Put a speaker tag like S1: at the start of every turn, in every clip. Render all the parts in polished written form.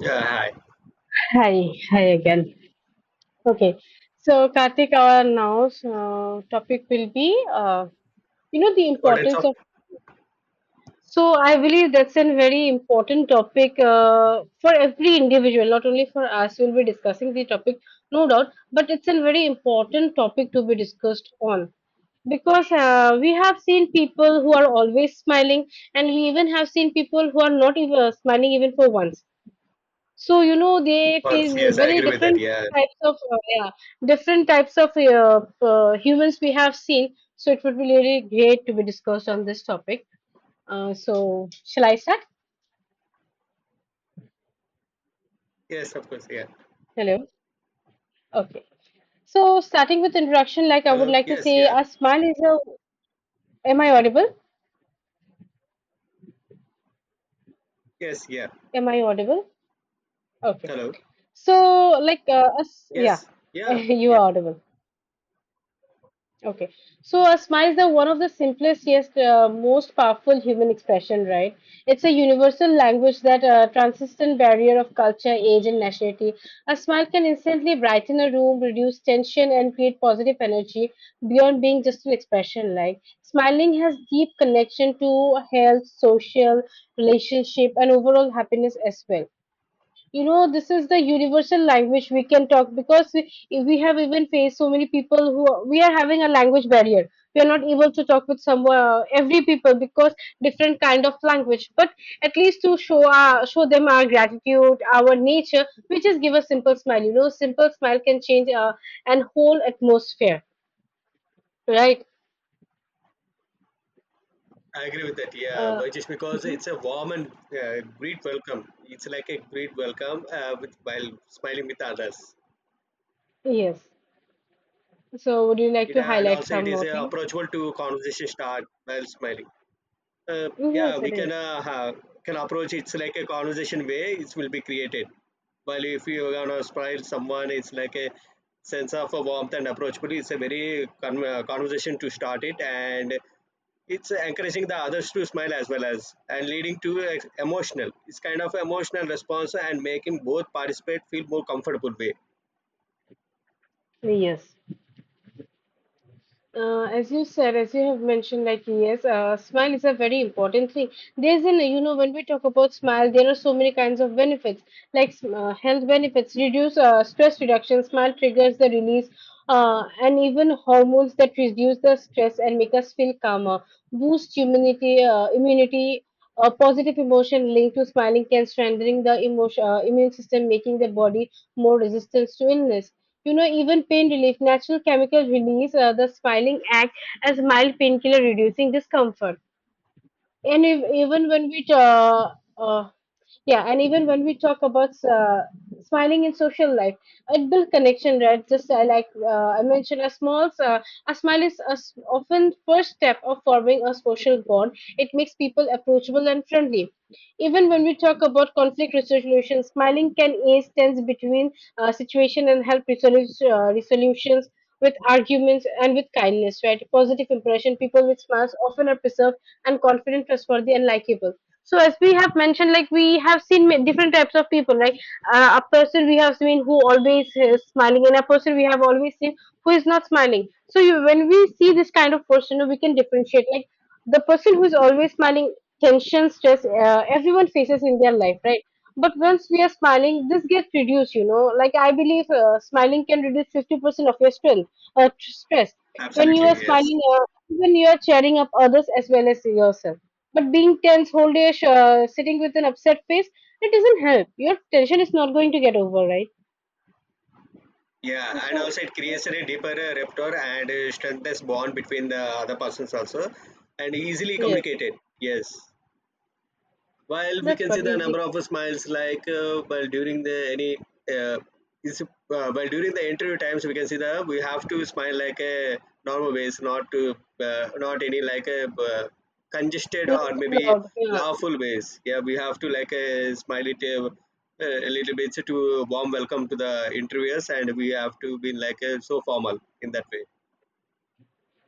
S1: Yeah, hi.
S2: Hi, hi again. Okay, so Karthik, our now topic will be, the
S1: Importance of
S2: importance of. So I believe that's a very important topic for every individual, not only for us. We'll be discussing the topic, no doubt, but it's a very important topic to be discussed on because we have seen people who are always smiling, and we even have seen people who are not even smiling even for once. So, you know, they face
S1: response. Yes, I
S2: very
S1: agree with that.
S2: different
S1: Yeah.
S2: types of, different types of humans we have seen. So, it would be really great to be discussed on this topic. So, shall I start?
S1: Yes, of course. Yeah.
S2: Hello. Okay. So, starting with introduction, like I would
S1: Hello.
S2: like to
S1: Yes.
S2: say,
S1: Yeah.
S2: a smile is a. Am I audible?
S1: Yes. Yeah.
S2: Am I audible? Okay.
S1: Hello.
S2: So, like, a s yeah,
S1: Yes. Yeah.
S2: you are
S1: Yeah.
S2: audible. Okay, so a smile is the one of the simplest yet most powerful human expression, right? It's a universal language that transcends the barrier of culture, age, and nationality. A smile can instantly brighten a room, reduce tension, and create positive energy beyond being just an expression. Like smiling has deep connection to health, social, relationship, and overall happiness as well. You know, this is the universal language we can talk because we have even faced so many people who are- we are having a language barrier. We are not able to talk with some every people because different kind of language, but at least to show our show them our gratitude, our nature, we just give a simple smile. You know, simple smile can change an whole atmosphere, right?
S1: I agree with that. Yeah.
S2: uh,
S1: But just because
S2: mhm.
S1: it's a warm and great welcome. It's like a great welcome with while smiling with others.
S2: Yes, so would you like
S1: It
S2: to
S1: and
S2: highlight
S1: also it
S2: some
S1: is
S2: more thing?
S1: approachable to conversation start while smiling. Yeah,
S2: Yes,
S1: we
S2: it
S1: can
S2: is.
S1: can approach. It's like a conversation way. It will be created. While if you are gonna smile someone, it's like a sense of a warmth and approachability. It's a very conversation to start it, and it's encouraging the others to smile as well as and leading to a emotional. It's kind of emotional response and making both participate feel more comfortable way.
S2: Yes. As you said, as you have mentioned, like yes, smile is a very important thing. There's an, you know, when we talk about smile, there are so many kinds of benefits, like health benefits, reduce stress reduction. Smile triggers the release, and even hormones that reduce the stress and make us feel calmer. Boost immunity. A positive emotion linked to smiling can strengthen the immune system, making the body more resistant to illness. You know, even pain relief, natural chemical release, the smiling act as mild painkiller reducing discomfort. And if, even when we uh, yeah and even when we talk about smiling in social life, it builds connection, right? Just I mentioned a small a smile is a s often first step of forming a social bond. It makes people approachable and friendly. Even when we talk about conflict resolution, smiling can ease tense between situation and help resolve resolutions with arguments and with kindness, right? Positive impression, people with smiles often are preserved and confident, trustworthy, and likable. So as we have mentioned, like we have seen different types of people. Like a person we have seen who always is smiling, and a person we have always seen who is not smiling. So you, when we see this kind of person, we can differentiate. Like the person who is always smiling, tension, stress, everyone faces in their life, right? But once we are smiling, this gets reduced. You know, like I believe smiling can reduce 50% of your stress or stress. When you are
S1: Absolutely, yes.
S2: smiling, even you are cheering up others as well as yourself. But being tense, whole day sitting with an upset face, it doesn't help. Your tension is not going to get over, right?
S1: Yeah, and
S2: So,
S1: also it creates a deeper rapport and strengthens bond between the other persons also, and easily
S2: yeah,
S1: communicated. Yes, while we
S2: that's
S1: can see
S2: what
S1: the
S2: is
S1: number
S2: it-
S1: of smiles like well during the any uh, is well during the interview times we can see that we have to smile like a normal ways, not to not any like a uh, congested
S2: not
S1: or
S2: too
S1: maybe
S2: loud. Yeah.
S1: laughful ways. Yeah, we have to like a smile it, a little bit to warm welcome to the interviewers, and we have to be like so formal in that way.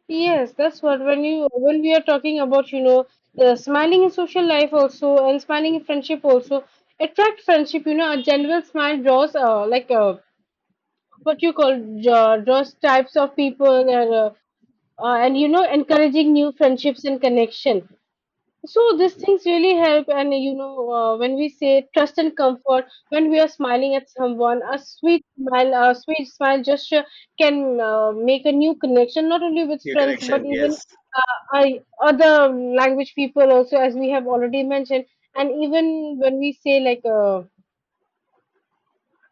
S2: Yes, that's what when you when we are talking about, you know, the smiling in social life also and smiling in friendship also attract friendship. You know, a general smile draws what you call draws types of people, and you know, encouraging new friendships and connection. So these things really help, and you know, when we say trust and comfort, when we are smiling at someone, a sweet smile gesture can make a new connection, not only with
S1: New
S2: friends but
S1: connection,
S2: even
S1: yes.
S2: other language people also, as we have already mentioned. And even when we say like uh,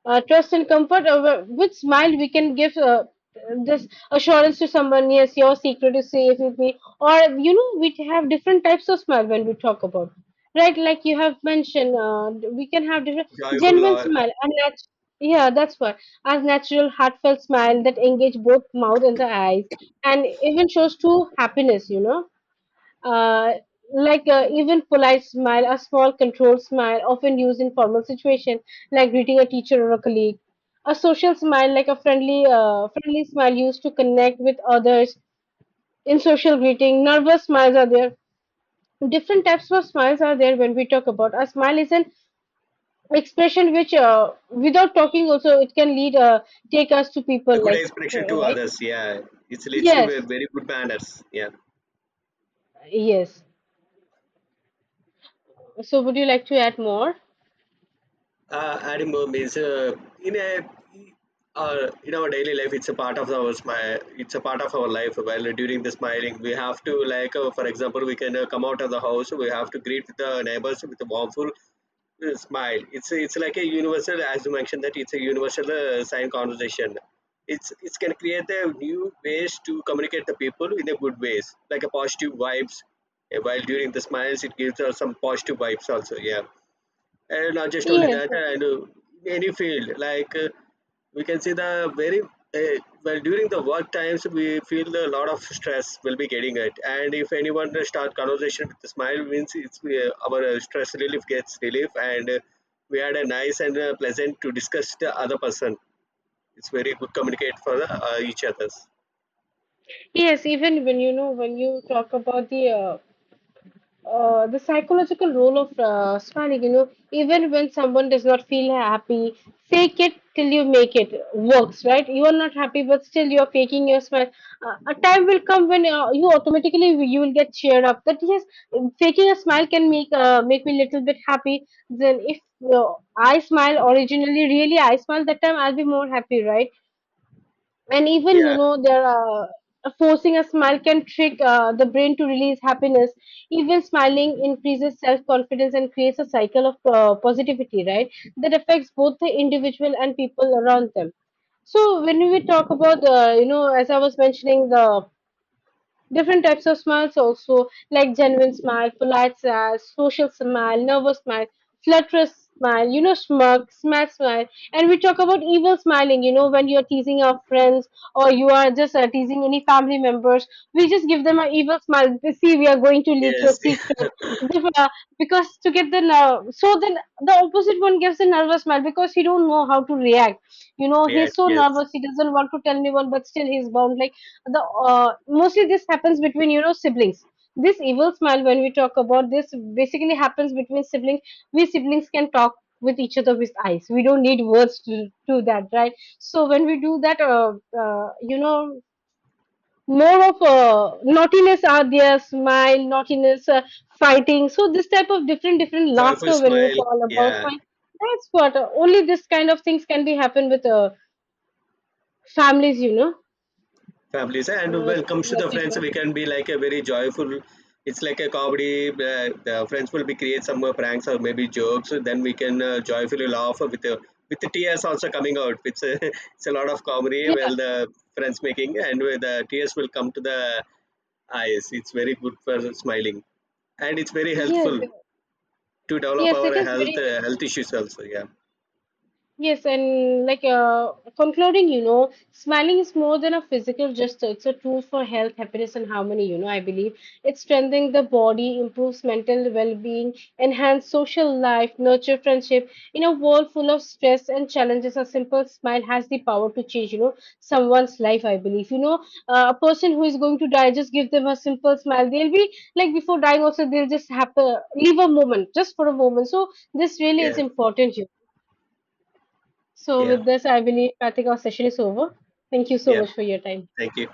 S2: uh, trust and comfort with smile, we can give this assurance to someone, yes, your secret is safe with me. Or, you know, we have different types of smile when we talk about, right? Like you have mentioned, we can have different
S1: Joyful
S2: genuine
S1: or
S2: smile and yeah, that's what. As natural heartfelt smile that engage both mouth and the eyes and even shows true happiness, you know. uh, Even polite smile, a small controlled smile, often used in formal situation, like greeting a teacher or a colleague. A social smile, like a friendly smile, used to connect with others in social greeting. Nervous smiles are there. Different types of smiles are there when we talk about. A smile is an expression which, without talking, also it can lead, take us to
S1: a
S2: people
S1: good
S2: like,
S1: expression to
S2: right?
S1: others. Yeah, it leads to a
S2: Yes,
S1: very good manners. Yeah.
S2: yes. So, would you like to add more?
S1: Edinburgh means in a in our daily life, it's a part of our smile. It's a part of our life. While during the smiling, we have to like, for example, we can come out of the house. We have to greet the neighbors with a warmful smile. It's like a universal, as you mentioned, that it's a universal sign conversation. It can create a new ways to communicate the people in a good ways, like a positive vibes. While during the smiles, it gives us some positive vibes also. Yeah, and not just only
S2: Yes.
S1: that, and any field like, we can see the very, well during the work times we feel a lot of stress will be getting it, and if anyone start conversation with a smile means it's, our stress relief gets relief, and we had a nice and pleasant to discuss the other person. It's very good communicate for the, each others.
S2: Yes, even when you know when you talk about the psychological role of smiling, you know, even when someone does not feel happy, fake it till you make it works, right? You are not happy, but still you are faking your smile. A time will come when you automatically you will get cheered up. That yes, faking a smile can make me little bit happy. Then if i smile originally, really I smile that time, I'll be more happy, right? And even you
S1: Yeah.
S2: know they're forcing a smile can trick the brain to release happiness. Even smiling increases self-confidence and creates a cycle of positivity, right? That affects both the individual and people around them. So when we talk about you know, as I was mentioning the different types of smiles also, like genuine smile, polite smile, social smile, nervous smile, flutterous smile, you know, smirk, smack smile. And we talk about evil smiling, you know, when you're teasing our friends or you are just teasing any family members, we just give them an evil smile. "We See, we are going to leak
S1: Yes.
S2: your secret. If, Because to get the nerve, so then the opposite one gives a nervous smile because he don't know how to react. You know,
S1: Yeah,
S2: he's so
S1: yes.
S2: nervous, he doesn't want to tell anyone, but still he's bound. Like, the mostly this happens between you know siblings. This evil smile, when we talk about, this basically happens between siblings. We siblings can talk with each other with eyes. We don't need words to do that, right? So when we do that, uh, you know more of naughtiness are there, smile, naughtiness fighting. So this type of different different
S1: Joyful
S2: laughter when we
S1: smile.
S2: call about
S1: Yeah,
S2: smile, that's what, only this kind of things can be happen with families, you know,
S1: families. And when it comes
S2: something
S1: to
S2: like
S1: the
S2: that,
S1: friends,
S2: right?
S1: we can be like a very joyful, it's like a comedy. The friends will be create some pranks or maybe jokes, then we can joyfully laugh with the tears also coming out. It's a, it's a lot of comedy well the friends making, and where the tears will come to the eyes. It's very good for smiling, and it's very
S2: Yeah,
S1: helpful
S2: yes.
S1: to develop
S2: Yes,
S1: our
S2: it is
S1: health,
S2: very helpful.
S1: health issues also. Yeah.
S2: Yes, and like concluding, you know, smiling is more than a physical gesture. It's a tool for health, happiness, and harmony. You know, I believe it strengthens the body, improves mental well-being, enhances social life, nurture friendship. In a world full of stress and challenges, a simple smile has the power to change. You know, someone's life. I believe. You know, a person who is going to die, just give them a simple smile. They'll be like before dying. Also, they'll just have to leave a moment, just for a moment. So this really is
S1: Yeah.
S2: important. So,
S1: Yeah.
S2: with this, I believe I think our session is over. Thank you so
S1: Yeah,
S2: much for your time.
S1: thank you.